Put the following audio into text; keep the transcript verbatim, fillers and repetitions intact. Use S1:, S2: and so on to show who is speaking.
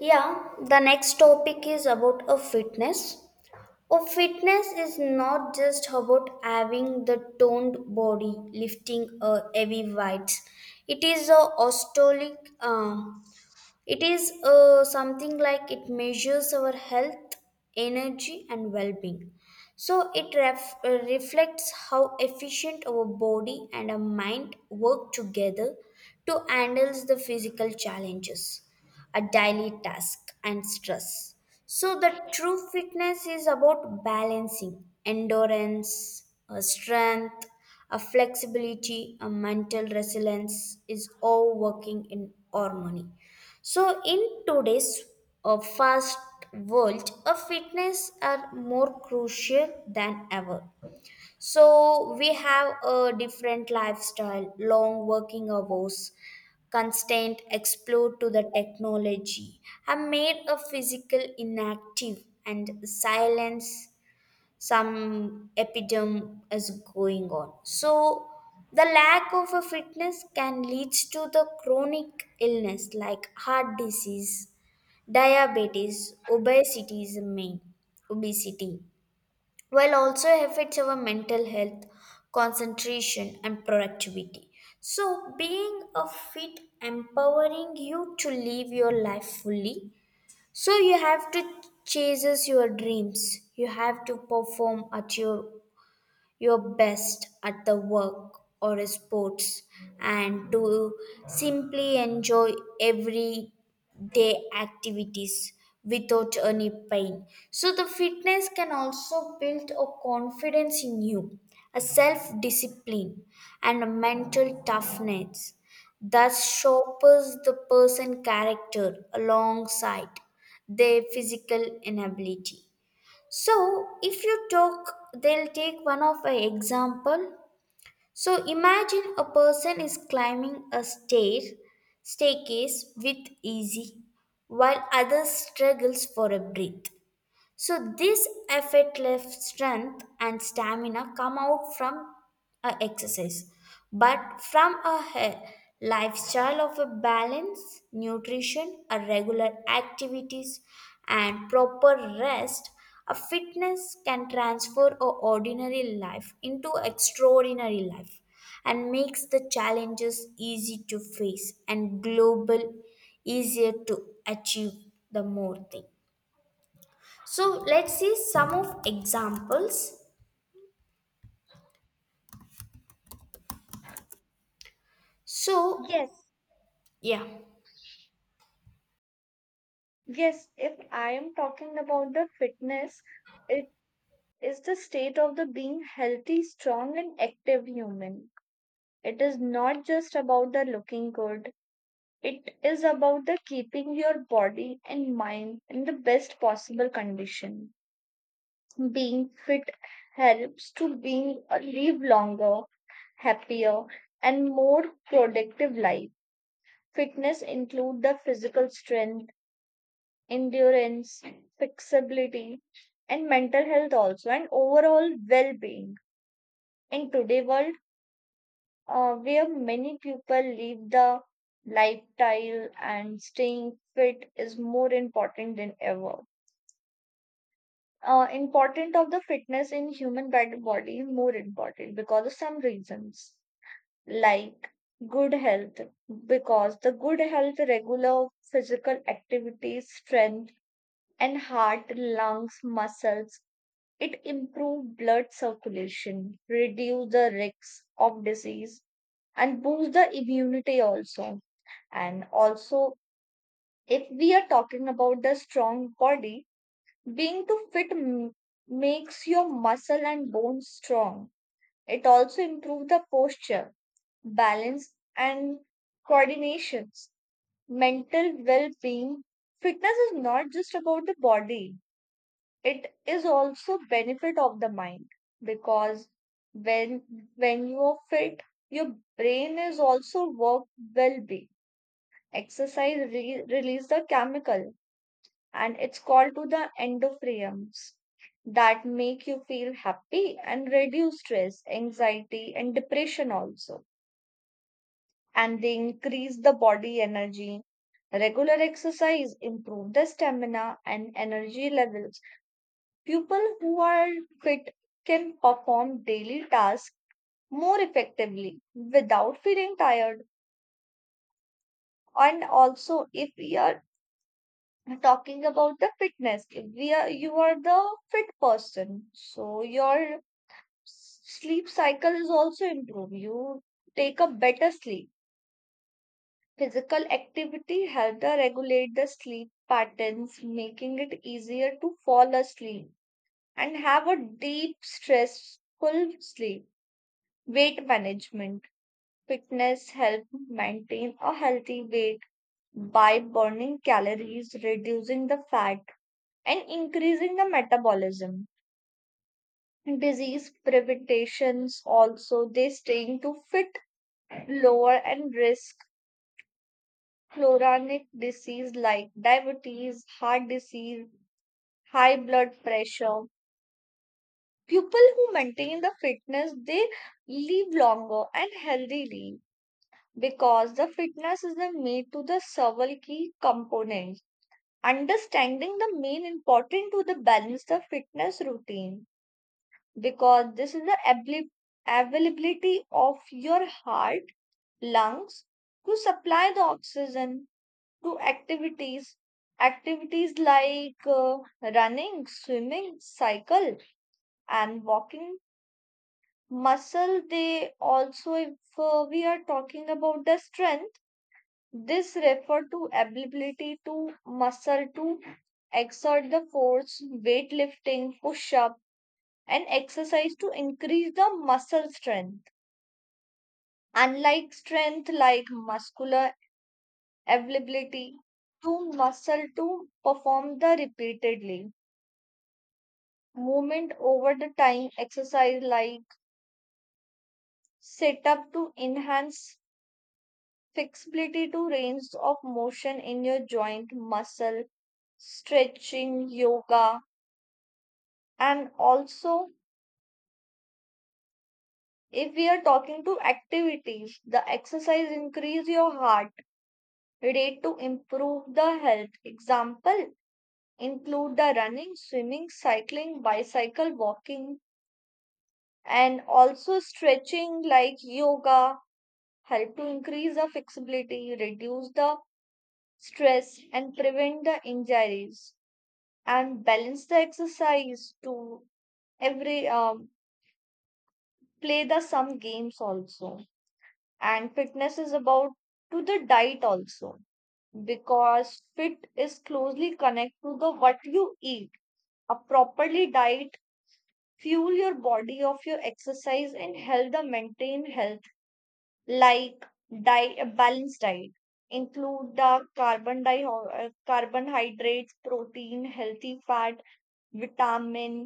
S1: Yeah, the next topic is about a fitness. A fitness is not just about having the toned body, lifting a heavy weights. It is a ostolic um, it is uh, something like it measures our health, energy, and well being. So it ref- uh, reflects how efficient our body and our mind work together to handle the physical challenges, a daily task, and stress. So the true fitness is about balancing endurance, uh, strength, a flexibility, a mental resilience is all working in harmony. So, in today's uh, fast world, a fitness are more crucial than ever. So, we have a different lifestyle, long working hours, constant explore to the technology, have made a physical inactive and silence some epidemic is going on. So the lack of a fitness can lead to the chronic illness like heart disease, diabetes, obesity is the main obesity, while also affects our mental health, concentration, and productivity. So being a fit empowering you to live your life fully. So you have to chase your dreams, you have to perform at your your best at the work or sports, and to simply enjoy every day activities without any pain. So the fitness can also build a confidence in you, a self discipline, and a mental toughness, thus sharpens the person character alongside their physical inability. So, if you talk, they'll take one of an example. So, imagine a person is climbing a stair staircase with easy, while others struggles for a breath. So, this effortless strength and stamina come out from a exercise, but from a he- lifestyle of a balance, nutrition, a regular activities, and proper rest. A fitness can transfer a ordinary life into extraordinary life and makes the challenges easy to face and global easier to achieve the more thing. So let's see some of examples. So
S2: Yes,
S1: yeah.
S2: yes. If I am talking about the fitness, it is the state of the being healthy, strong, and active human. It is not just about the looking good. It is about the keeping your body and mind in the best possible condition. Being fit helps to being uh, live longer, happier, and more productive life. Fitness include the physical strength endurance, flexibility, and mental health also, and overall well being. In today's world, uh, where many people live the lifestyle and staying fit is more important than ever. Uh, important of the fitness in human bad- body more important because of some reasons like good health because the good health regular physical activities strength and heart lungs muscles. It improves blood circulation, reduce the risks of disease, and boost the immunity also. And also, if we are talking about the strong body, being too fit m- makes your muscle and bones strong. It also improves the posture, balance, and coordinations. Mental well being. Fitness is not just about the body, it is also benefit of the mind because when when you are fit your brain is also work well be exercise re- release the chemical and it's called to the endorphins that make you feel happy and reduce stress anxiety and depression also, and they increase the body energy. Regular exercise improve the stamina and energy levels. People who are fit can perform daily tasks more effectively without feeling tired. And also, if we are talking about the fitness, if we are you are the fit person, so your s- sleep cycle is also improved. You take a better sleep. Physical activity helps the regulate the sleep patterns, making it easier to fall asleep and have a deep, stressful sleep. Weight management. Fitness help maintain a healthy weight by burning calories, reducing the fat, and increasing the metabolism. Disease preventations also they staying to fit lower and risk chronic disease like diabetes, heart disease, high blood pressure. People who maintain the fitness they live longer and healthily, because the fitness is the made to the several key components. Understanding the main important to the balance the fitness routine because this is the abli- availability of your heart, lungs to supply the oxygen to activities. Activities like uh, running, swimming, cycle, and walking. Muscle, they also, if uh, we are talking about the strength. This refer to ability to muscle to exert the force, weightlifting, push-up, and exercise to increase the muscle strength. Unlike strength like muscular availability to muscle to perform the repeatedly. Movement over the time exercise like sit up to enhance flexibility to range of motion in your joint muscle, stretching, yoga. And also, if we are talking to activities, the exercise increase your heart rate to improve the health. Example include the running, swimming, cycling, bicycle, walking, and also stretching like yoga help to increase the flexibility, reduce the stress, and prevent the injuries. And balance the exercise to every um, play the some games also, and fitness is about to the diet also because fit is closely connected to the what you eat. A properly diet fuel your body of your exercise and help the maintain health, like diet a balanced diet include the carbon di- uh, carbohydrates protein healthy fat vitamin.